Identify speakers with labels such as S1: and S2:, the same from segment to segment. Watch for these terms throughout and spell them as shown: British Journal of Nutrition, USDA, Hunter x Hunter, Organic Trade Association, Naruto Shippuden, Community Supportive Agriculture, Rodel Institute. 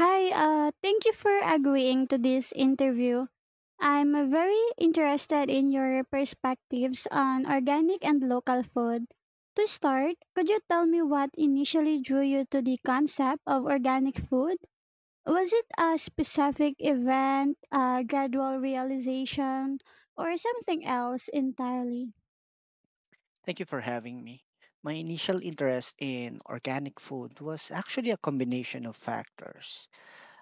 S1: Hi, thank you for agreeing to this interview. I'm very interested in your perspectives on organic and local food. To start, could you tell me what initially drew you to the concept of organic food? Was it a specific event, a gradual realization, or something else entirely?
S2: Thank you for having me. My initial interest in organic food was actually a combination of factors.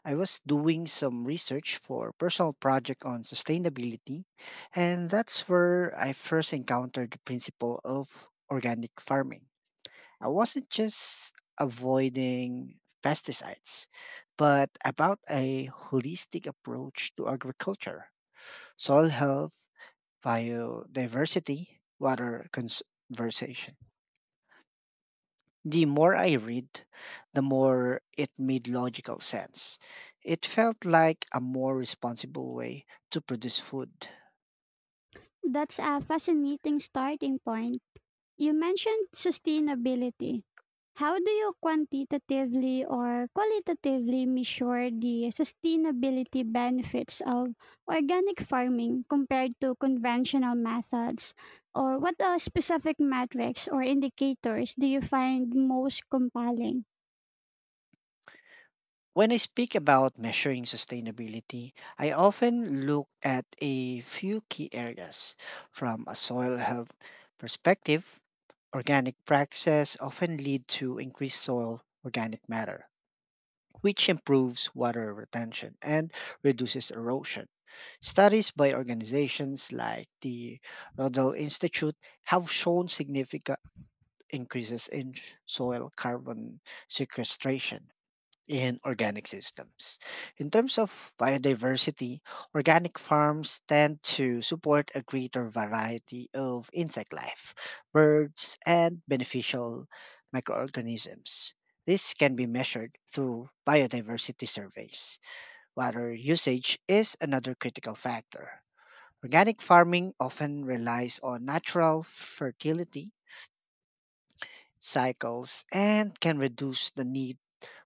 S2: I was doing some research for a personal project on sustainability, and that's where I first encountered the principle of organic farming. I wasn't just avoiding pesticides, but about a holistic approach to agriculture, soil health, biodiversity, water conservation. The more I read, the more it made logical sense. It felt like a more responsible way to produce food.
S1: That's a fascinating starting point. You mentioned sustainability. How do you quantitatively or qualitatively measure the sustainability benefits of organic farming compared to conventional methods? Or what specific metrics or indicators do you find most compelling?
S2: When I speak about measuring sustainability, I often look at a few key areas from a soil health perspective. Organic practices often lead to increased soil organic matter, which improves water retention and reduces erosion. Studies by organizations like the Rodel Institute have shown significant increases in soil carbon sequestration in organic systems. In terms of biodiversity, organic farms tend to support a greater variety of insect life, birds, and beneficial microorganisms. This can be measured through biodiversity surveys. Water usage is another critical factor. Organic farming often relies on natural fertility cycles and can reduce the need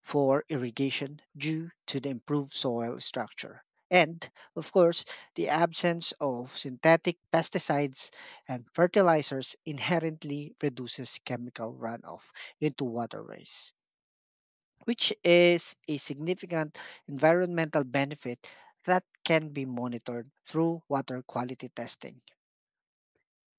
S2: for irrigation due to the improved soil structure. And, of course, the absence of synthetic pesticides and fertilizers inherently reduces chemical runoff into waterways, which is a significant environmental benefit that can be monitored through water quality testing.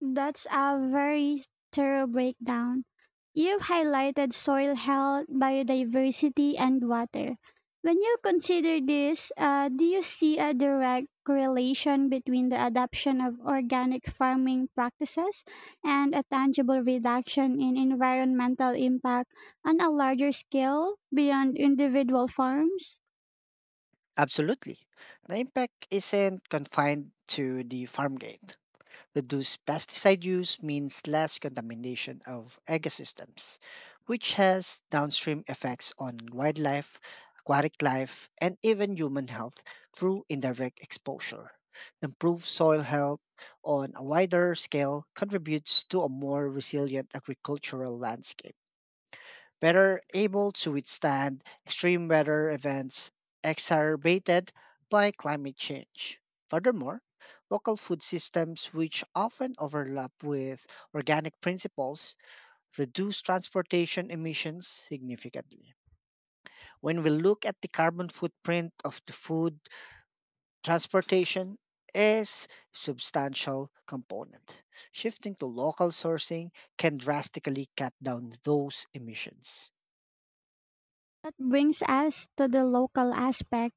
S1: That's a very thorough breakdown. You've highlighted soil health, biodiversity, and water. When you consider this, do you see a direct correlation between the adoption of organic farming practices and a tangible reduction in environmental impact on a larger scale beyond individual farms?
S2: Absolutely. The impact isn't confined to the farm gate. Reduced pesticide use means less contamination of ecosystems, which has downstream effects on wildlife, aquatic life, and even human health through indirect exposure. Improved soil health on a wider scale contributes to a more resilient agricultural landscape better able to withstand extreme weather events exacerbated by climate change. Furthermore, local food systems, which often overlap with organic principles, reduce transportation emissions significantly. When we look at the carbon footprint of the food, transportation is a substantial component. Shifting to local sourcing can drastically cut down those emissions.
S1: That brings us to the local aspect.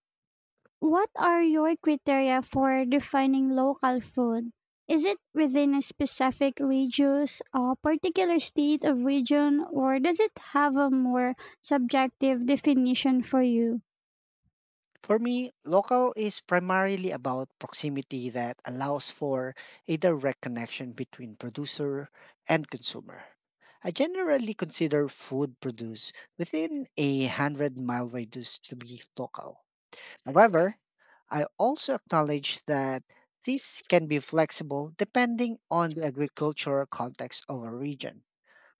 S1: What are your criteria for defining local food? Is it within a specific regions, a particular state of region, or does it have a more subjective definition for you?
S2: For me, local is primarily about proximity that allows for a direct connection between producer and consumer. I generally consider food produced within a 100-mile mile radius to be local. However, I also acknowledge that this can be flexible depending on the agricultural context of a region.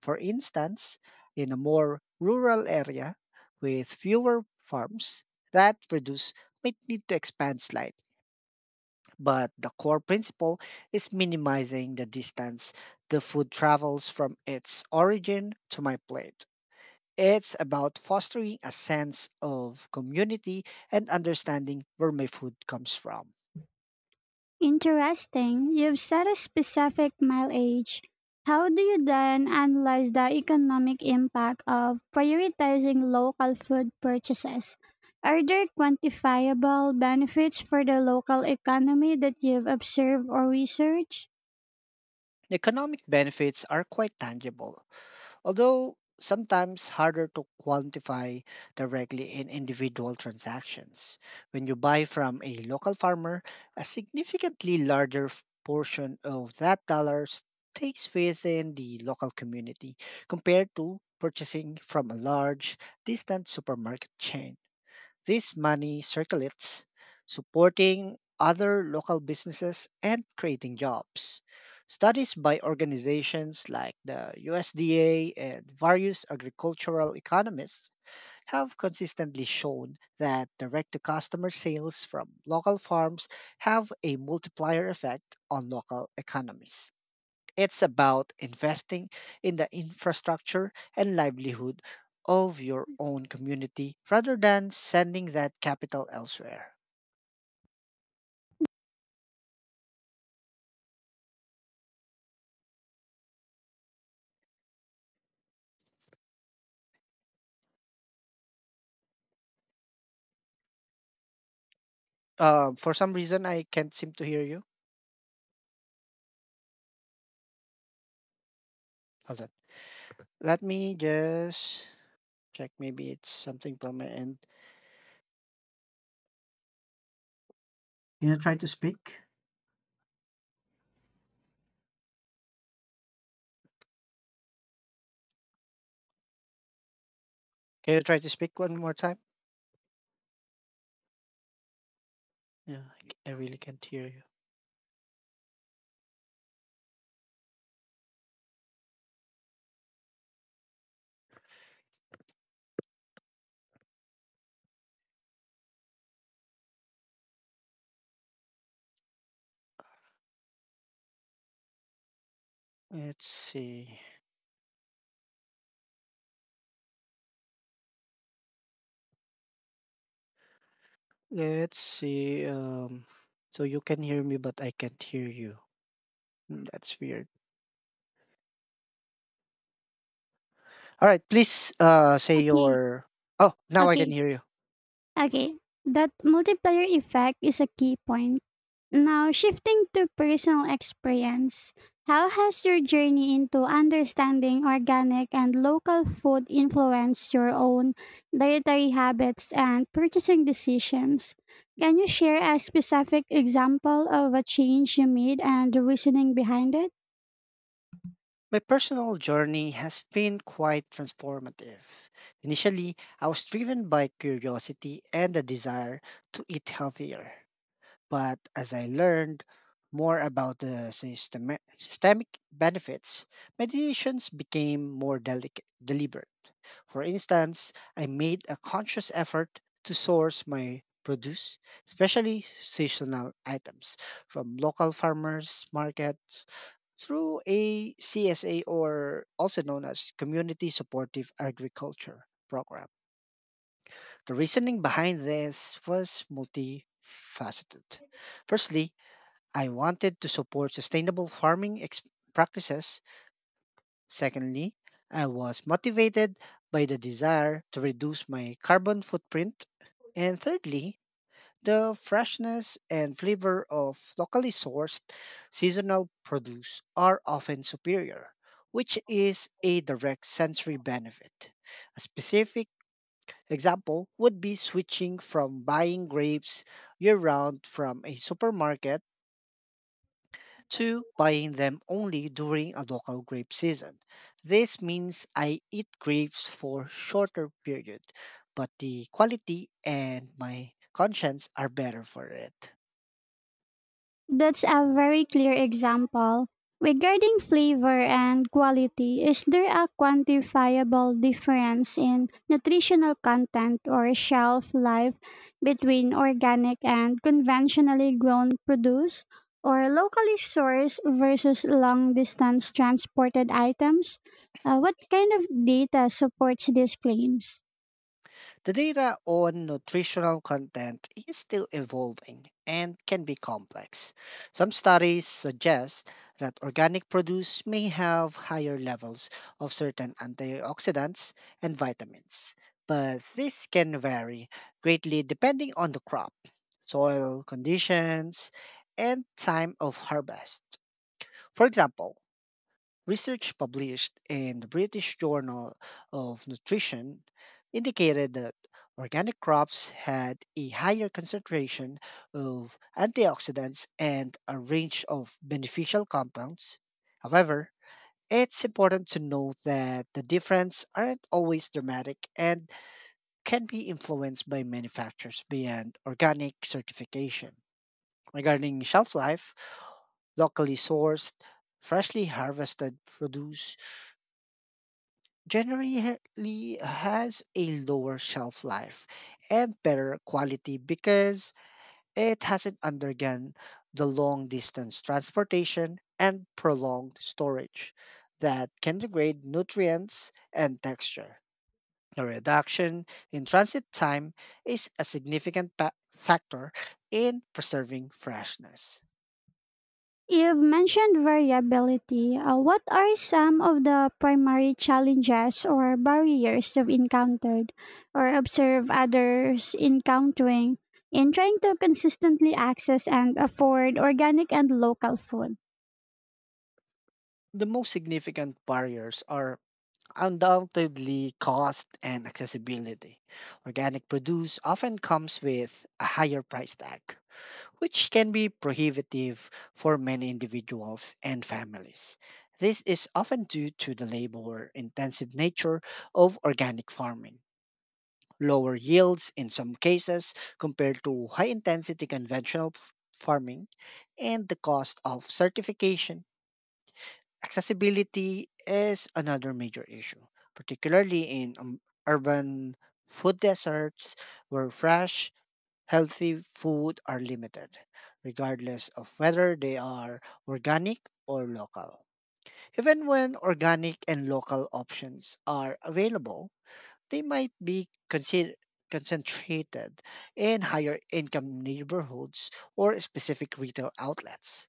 S2: For instance, in a more rural area with fewer farms, that produce might need to expand slightly, but the core principle is minimizing the distance the food travels from its origin to my plate. It's about fostering a sense of community and understanding where my food comes from.
S1: Interesting. You've set a specific mileage. How do you then analyze the economic impact of prioritizing local food purchases? Are there quantifiable benefits for the local economy that you've observed or researched?
S2: The economic benefits are quite tangible, although sometimes harder to quantify directly in individual transactions. When you buy from a local farmer, a significantly larger portion of that dollar stays within the local community compared to purchasing from a large, distant supermarket chain. This money circulates, supporting other local businesses and creating jobs. Studies by organizations like the USDA and various agricultural economists have consistently shown that direct to customer sales from local farms have a multiplier effect on local economies. It's about investing in the infrastructure and livelihood of your own community rather than sending that capital elsewhere. For some reason, I can't seem to hear you. Hold on. Let me just check. Maybe it's something from my end. Can you try to speak? Can you try to speak one more time? Yeah, I really can't hear you. Let's see. Let's see. So you can hear me, but I can't hear you. That's weird. All right, please say
S1: Okay,
S2: your. Oh, now I can
S1: okay,
S2: hear you.
S1: okay. That multiplier effect is a key point. Now, shifting to personal experience, how has your journey into understanding organic and local food influenced your own dietary habits and purchasing decisions? Can you share a specific example of a change you made and the reasoning behind it?
S2: My personal journey has been quite transformative. Initially, I was driven by curiosity and the desire to eat healthier. But as I learned more about the systemic benefits, my decisions became more deliberate. For instance, I made a conscious effort to source my produce, especially seasonal items, from local farmers' markets through a CSA, or also known as Community Supportive Agriculture Program. The reasoning behind this was multifaceted. Firstly, I wanted to support sustainable farming practices. Secondly, I was motivated by the desire to reduce my carbon footprint. And thirdly, the freshness and flavor of locally sourced seasonal produce are often superior, which is a direct sensory benefit. A specific example would be switching from buying grapes year round from a supermarket to buying them only during a local grape season. This means I eat grapes for shorter period, but the quality and my conscience are better for it.
S1: That's a very clear example. Regarding flavor and quality, is there a quantifiable difference in nutritional content or shelf life between organic and conventionally grown produce, or locally sourced versus long distance transported items? What kind of data supports these claims?
S2: The data on nutritional content is still evolving and can be complex. Some studies suggest that organic produce may have higher levels of certain antioxidants and vitamins, but this can vary greatly depending on the crop, soil conditions, and time of harvest. For example, research published in the British Journal of Nutrition indicated that organic crops had a higher concentration of antioxidants and a range of beneficial compounds. However, it's important to note that the difference aren't always dramatic and can be influenced by many factors beyond organic certification. Regarding shelf life, locally sourced, freshly harvested produce generally has a lower shelf life and better quality because it hasn't undergone the long distance transportation and prolonged storage that can degrade nutrients and texture. The reduction in transit time is a significant factor in preserving freshness.
S1: You've mentioned variability. What are some of the primary challenges or barriers you've encountered or observe others encountering in trying to consistently access and afford organic and local food?
S2: The most significant barriers are undoubtedly cost and accessibility. Organic produce often comes with a higher price tag, which can be prohibitive for many individuals and families. This is often due to the labor intensive nature of organic farming, lower yields in some cases compared to high intensity conventional farming, and the cost of certification. Accessibility is another major issue, particularly in urban food deserts where fresh, healthy food are limited, regardless of whether they are organic or local. Even when organic and local options are available, they might be concentrated in higher income neighborhoods or specific retail outlets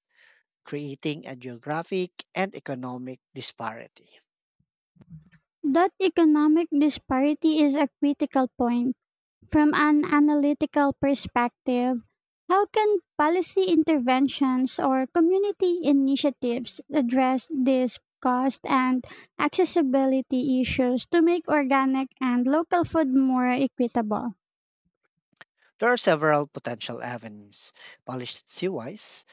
S2: creating a geographic and economic disparity.
S1: That economic disparity is a critical point. From an analytical perspective, how can policy interventions or community initiatives address these cost and accessibility issues to make organic and local food more equitable?
S2: There are several potential avenues. Polished seawise,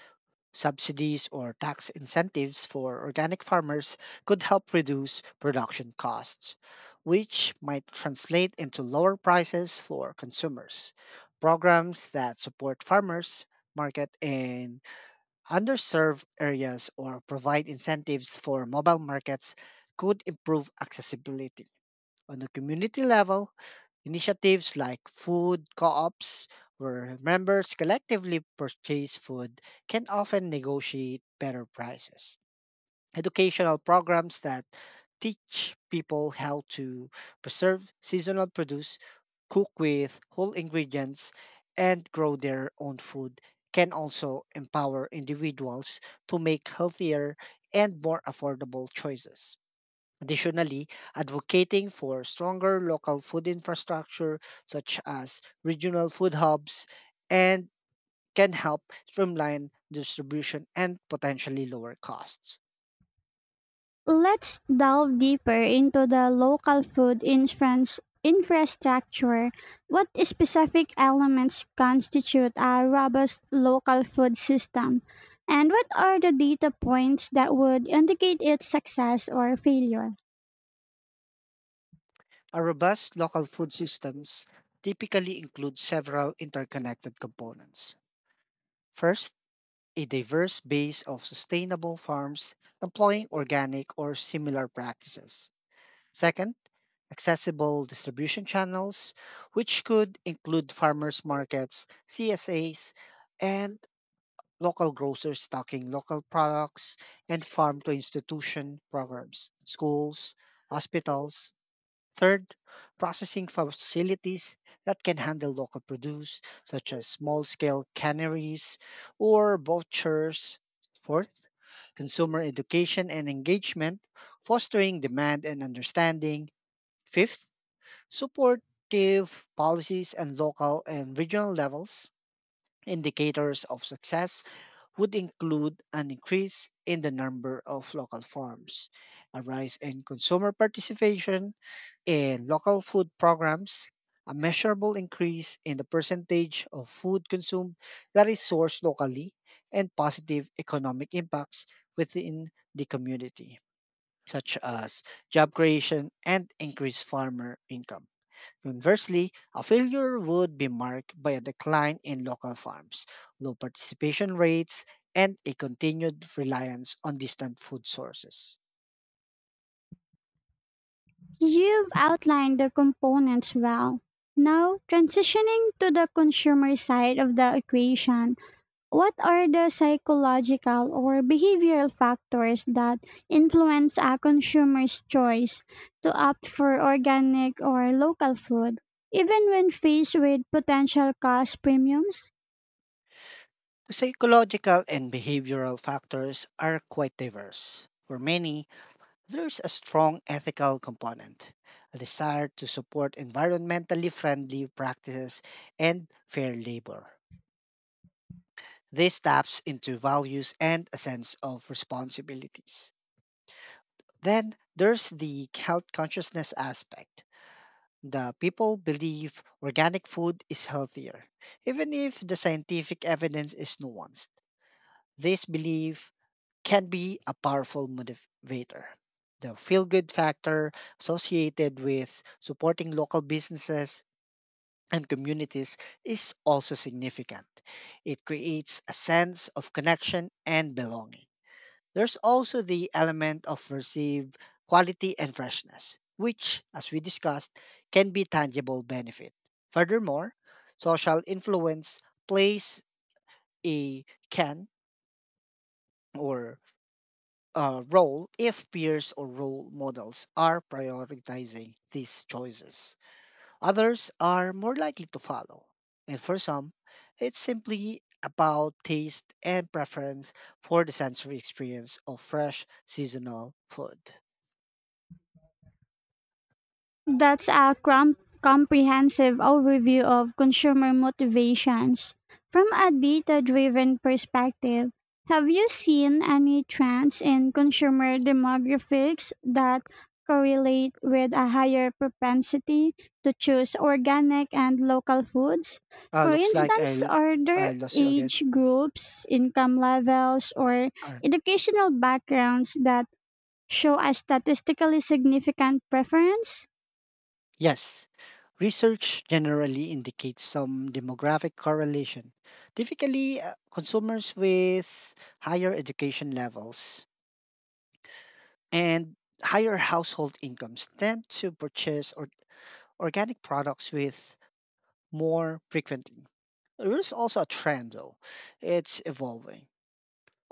S2: subsidies or tax incentives for organic farmers could help reduce production costs, which might translate into lower prices for consumers. Programs that support farmers market in underserved areas or provide incentives for mobile markets could improve accessibility. On a community level, initiatives like food co-ops, where members collectively purchase food, can often negotiate better prices. Educational programs that teach people how to preserve seasonal produce, cook with whole ingredients, and grow their own food can also empower individuals to make healthier and more affordable choices. Additionally, advocating for stronger local food infrastructure, such as regional food hubs, and can help streamline distribution and potentially lower costs.
S1: Let's delve deeper into the local food infrastructure. What specific elements constitute a robust local food system? And what are the data points that would indicate its success or failure?
S2: A robust local food systems typically includes several interconnected components. First, a diverse base of sustainable farms employing organic or similar practices. Second, accessible distribution channels, which could include farmers markets, CSAs, and local grocers stocking local products, and farm to institution programs, schools, hospitals. Third, processing facilities that can handle local produce, such as small scale canneries or vultures. Fourth, consumer education and engagement, fostering demand and understanding. Fifth, supportive policies and local and regional levels. Indicators of success would include an increase in the number of local farms, a rise in consumer participation in local food programs, a measurable increase in the percentage of food consumed that is sourced locally, and positive economic impacts within the community, such as job creation and increased farmer income. Conversely, a failure would be marked by a decline in local farms, low participation rates, and a continued reliance on distant food sources.
S1: You've outlined the components well. Now, transitioning to the consumer side of the equation, what are the psychological or behavioral factors that influence a consumer's choice to opt for organic or local food, even when faced with potential cost premiums?
S2: The psychological and behavioral factors are quite diverse. For many, there's a strong ethical component, a desire to support environmentally friendly practices and fair labor. This taps into values and a sense of responsibilities. Then there's the health consciousness aspect. The people believe organic food is healthier, even if the scientific evidence is nuanced. This belief can be a powerful motivator. The feel good factor associated with supporting local businesses and communities is also significant. It creates a sense of connection and belonging. There's also the element of perceived quality and freshness, which, as we discussed, can be tangible benefit. Furthermore, social influence plays a can or a role if peers or role models are prioritizing these choices. Others are more likely to follow. And for some, it's simply about taste and preference for the sensory experience of fresh seasonal food.
S1: That's a comprehensive overview of consumer motivations. From a data driven perspective, have you seen any trends in consumer demographics that correlate with a higher propensity to choose organic and local foods? For
S2: Looks like
S1: instance,
S2: I
S1: are
S2: I
S1: there
S2: lost you again.
S1: age groups, income levels, or
S2: Alright.
S1: educational backgrounds that show a statistically significant preference?
S2: Yes. Research generally indicates some demographic correlation. Typically, consumers with higher education levels and higher household incomes tend to purchase organic products with more frequently. There's also a trend, though. It's evolving.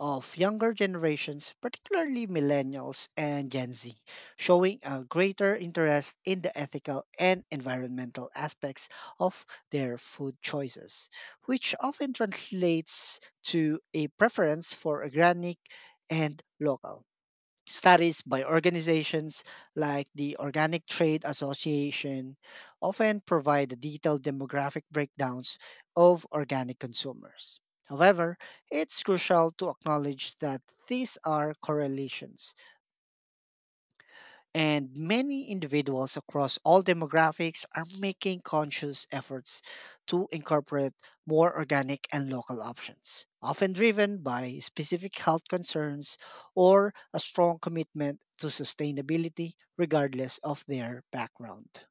S2: Of younger generations, particularly millennials and Gen Z, showing a greater interest in the ethical and environmental aspects of their food choices, which often translates to a preference for organic and local studies by organizations like the Organic Trade Association often provide detailed demographic breakdowns of organic consumers. However, it's crucial to acknowledge that these are correlations, and many individuals across all demographics are making conscious efforts to incorporate more organic and local options, often driven by specific health concerns or a strong commitment to sustainability, regardless of their background.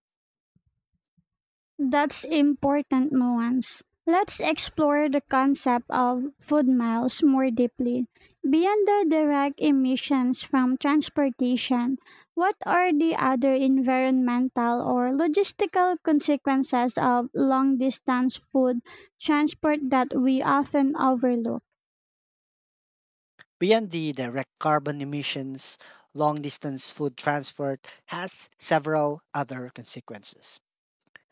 S1: That's important nuance. Let's explore the concept of food miles more deeply. Beyond the direct emissions from transportation, what are the other environmental or logistical consequences of long distance food transport that we often overlook?
S2: Beyond the direct carbon emissions, long distance food transport has several other consequences.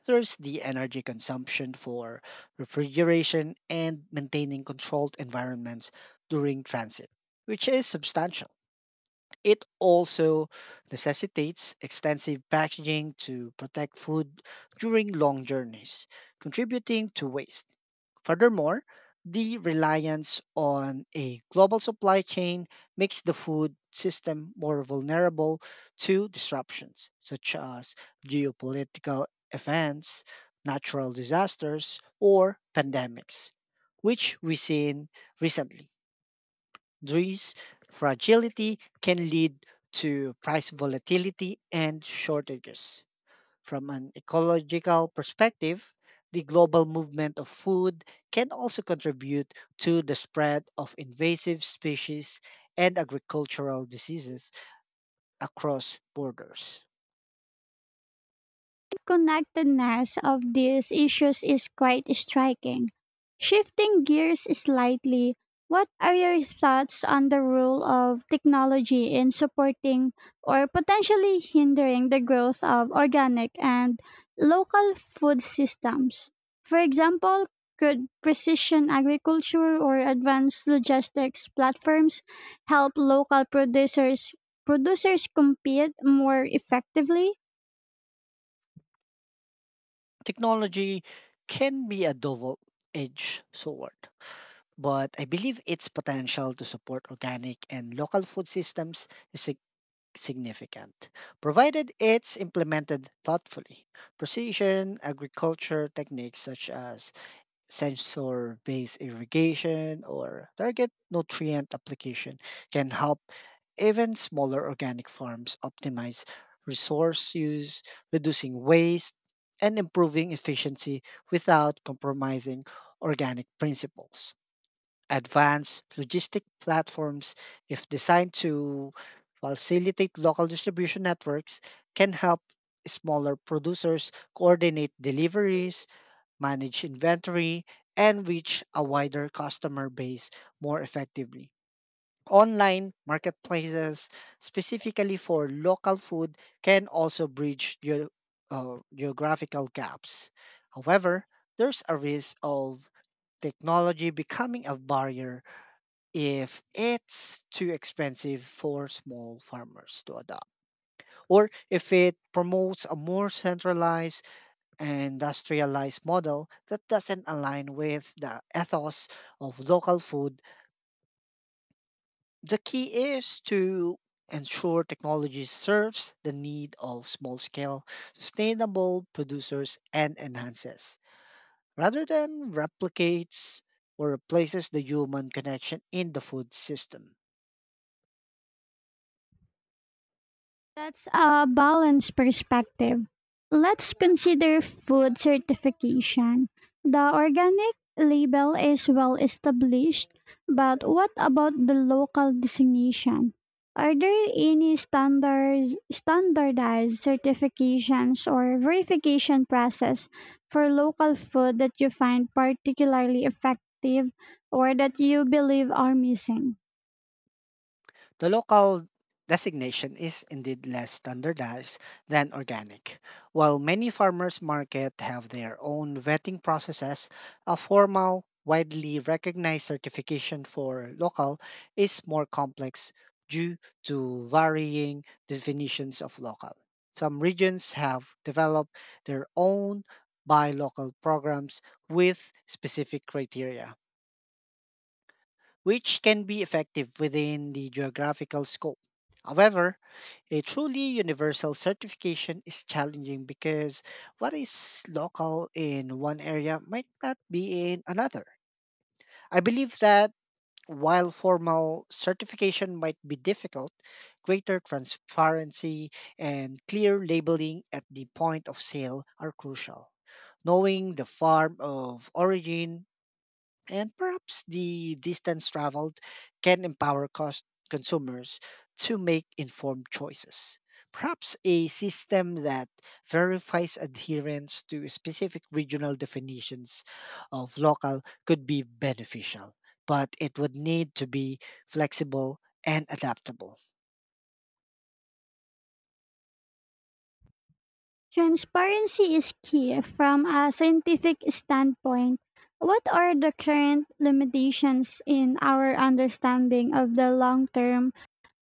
S2: There's the energy consumption for refrigeration and maintaining controlled environments during transit, which is substantial. It also necessitates extensive packaging to protect food during long journeys, contributing to waste. Furthermore, the reliance on a global supply chain makes the food system more vulnerable to disruptions such as geopolitical events, natural disasters, or pandemics, which we've seen recently. These fragility can lead to price volatility and shortages. From an ecological perspective, the global movement of food can also contribute to the spread of invasive species and agricultural diseases across borders.
S1: Connectedness of these issues is quite striking. Shifting gears slightly, what are your thoughts on the role of technology in supporting or potentially hindering the growth of organic and local food systems? For example, could precision agriculture or advanced logistics platforms help local producers compete more effectively?
S2: Technology can be a double edged sword, but I believe its potential to support organic and local food systems is significant, provided it's implemented thoughtfully. Precision agriculture techniques such as sensor based irrigation or target nutrient application can help even smaller organic farms optimize resource use, reducing waste, and improving efficiency without compromising organic principles advanced logistic platforms, if designed to facilitate local distribution networks, can help smaller producers coordinate deliveries, manage inventory, and reach a wider customer base more effectively. Online marketplaces, specifically for local food, can also bridge geographical gaps. However, there's a risk of technology becoming a barrier if it's too expensive for small farmers to adopt, or if it promotes a more centralized and industrialized model that doesn't align with the ethos of local food. The key is to ensure technology serves the need of small scale, sustainable producers and enhances. Rather than replicates or replaces the human connection in the food system.
S1: That's a balanced perspective. Let's consider food certification. The organic label is well established, but what about the local designation? Are there any standards, standardized certifications or verification process for local food that you find particularly effective or that you believe are missing?
S2: The local designation is indeed less standardized than organic. While many farmers' market have their own vetting processes, a formal, widely recognized certification for local is more complex due to varying definitions of local. Some regions have developed their own buy local programs with specific criteria which can be effective within the geographical scope. However, a truly universal certification is challenging because what is local in one area might not be in another. I believe that while formal certification might be difficult, greater transparency and clear labeling at the point of sale are crucial. Knowing the farm of origin, and perhaps the distance traveled can empower consumers to make informed choices. Perhaps a system that verifies adherence to specific regional definitions of local could be beneficial, but it would need to be flexible and adaptable.
S1: Transparency is key from a scientific standpoint. What are the current limitations in our understanding of the long term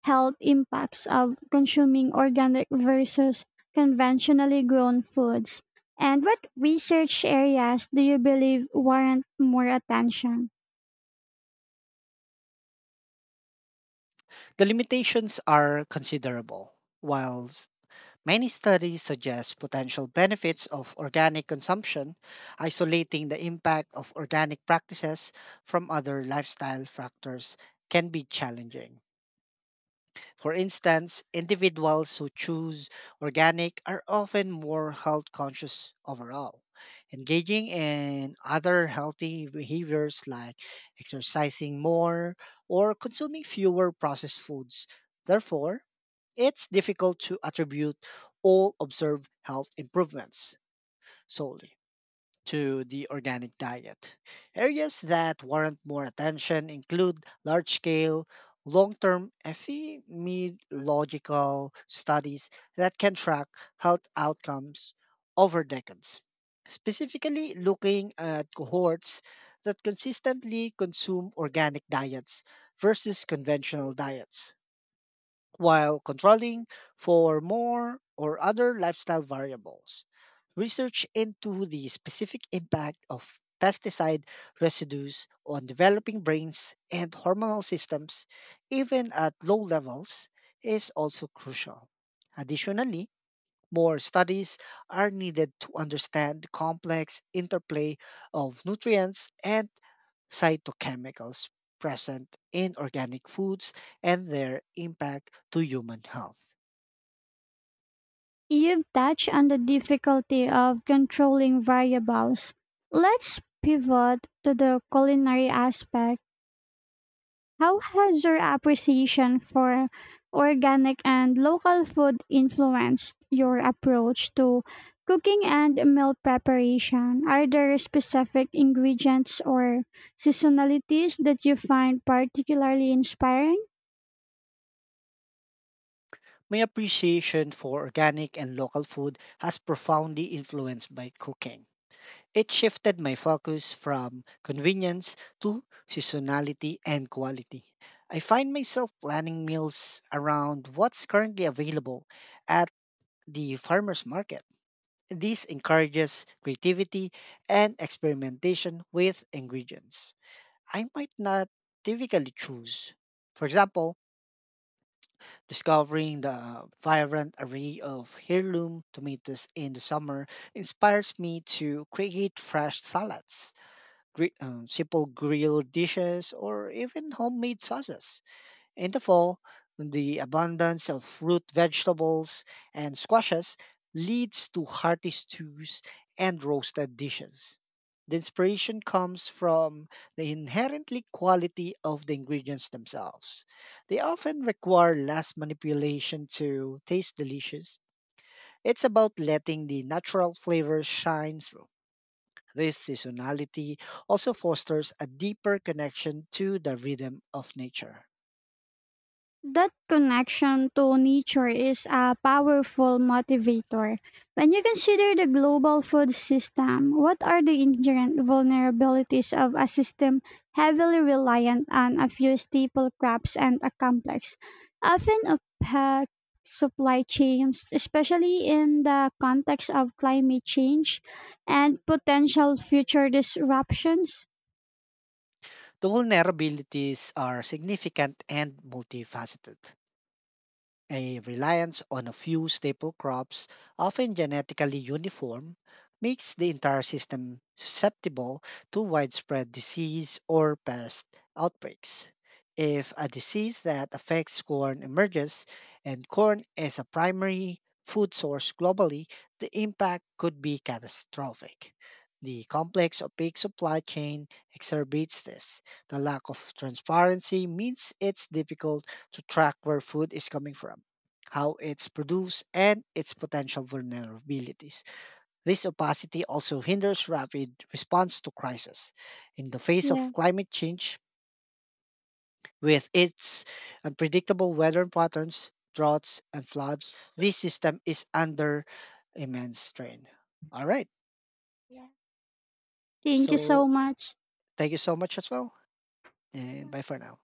S1: health impacts of consuming organic versus conventionally grown foods? And what research areas do you believe warrant more attention?
S2: The limitations are considerable, while many studies suggest potential benefits of organic consumption, isolating the impact of organic practices from other lifestyle factors can be challenging. For instance, individuals who choose organic are often more health conscious overall. Engaging in other healthy behaviors like exercising more or consuming fewer processed foods. Therefore, it's difficult to attribute all observed health improvements solely to the organic diet. Areas that warrant more attention include large scale, long term epidemiological studies that can track health outcomes over decades, specifically looking at cohorts that consistently consume organic diets versus conventional diets while controlling for more or other lifestyle variables. Research into the specific impact of pesticide residues on developing brains and hormonal systems, even at low levels, is also crucial. Additionally, more studies are needed to understand the complex interplay of nutrients and cytochemicals present in organic foods and their impact to human health.
S1: You've touched on the difficulty of controlling variables. Let's pivot to the culinary aspect. How has your appreciation for organic and local food influenced your approach to cooking and meal preparation? Are there specific ingredients or seasonalities that you find particularly inspiring?
S2: My appreciation for organic and local food has profoundly influenced my cooking. It shifted my focus from convenience to seasonality and quality. I find myself planning meals around what's currently available at the farmers market. This encourages creativity and experimentation with ingredients I might not typically choose. For example, discovering the vibrant array of heirloom tomatoes in the summer inspires me to create fresh salads, simple grilled dishes, or even homemade sauces. In the fall, the abundance of root vegetables and squashes leads to hearty stews and roasted dishes. The inspiration comes from the inherently quality of the ingredients themselves. They often require less manipulation to taste delicious. It's about letting the natural flavors shine through. This seasonality also fosters a deeper connection to the rhythm of nature.
S1: That connection to nature is a powerful motivator. When you consider the global food system, what are the inherent vulnerabilities of a system heavily reliant on a few staple crops and a complex, often opaque supply chains, especially in the context of climate change and potential future disruptions?
S2: The vulnerabilities are significant and multifaceted. A reliance on a few staple crops, often genetically uniform, makes the entire system susceptible to widespread disease or pest outbreaks. If a disease that affects corn emerges, and corn is a primary food source globally, the impact could be catastrophic. The complex opaque supply chain exacerbates this. The lack of transparency means it's difficult to track where food is coming from, how it's produced, and its potential vulnerabilities. This opacity also hinders rapid response to crisis. In the face
S1: Yeah.
S2: of climate change, with its unpredictable weather patterns, droughts, and floods, this system is under immense strain. All right.
S1: Thank you
S2: So
S1: so much.
S2: thank you so much as well. And bye for now.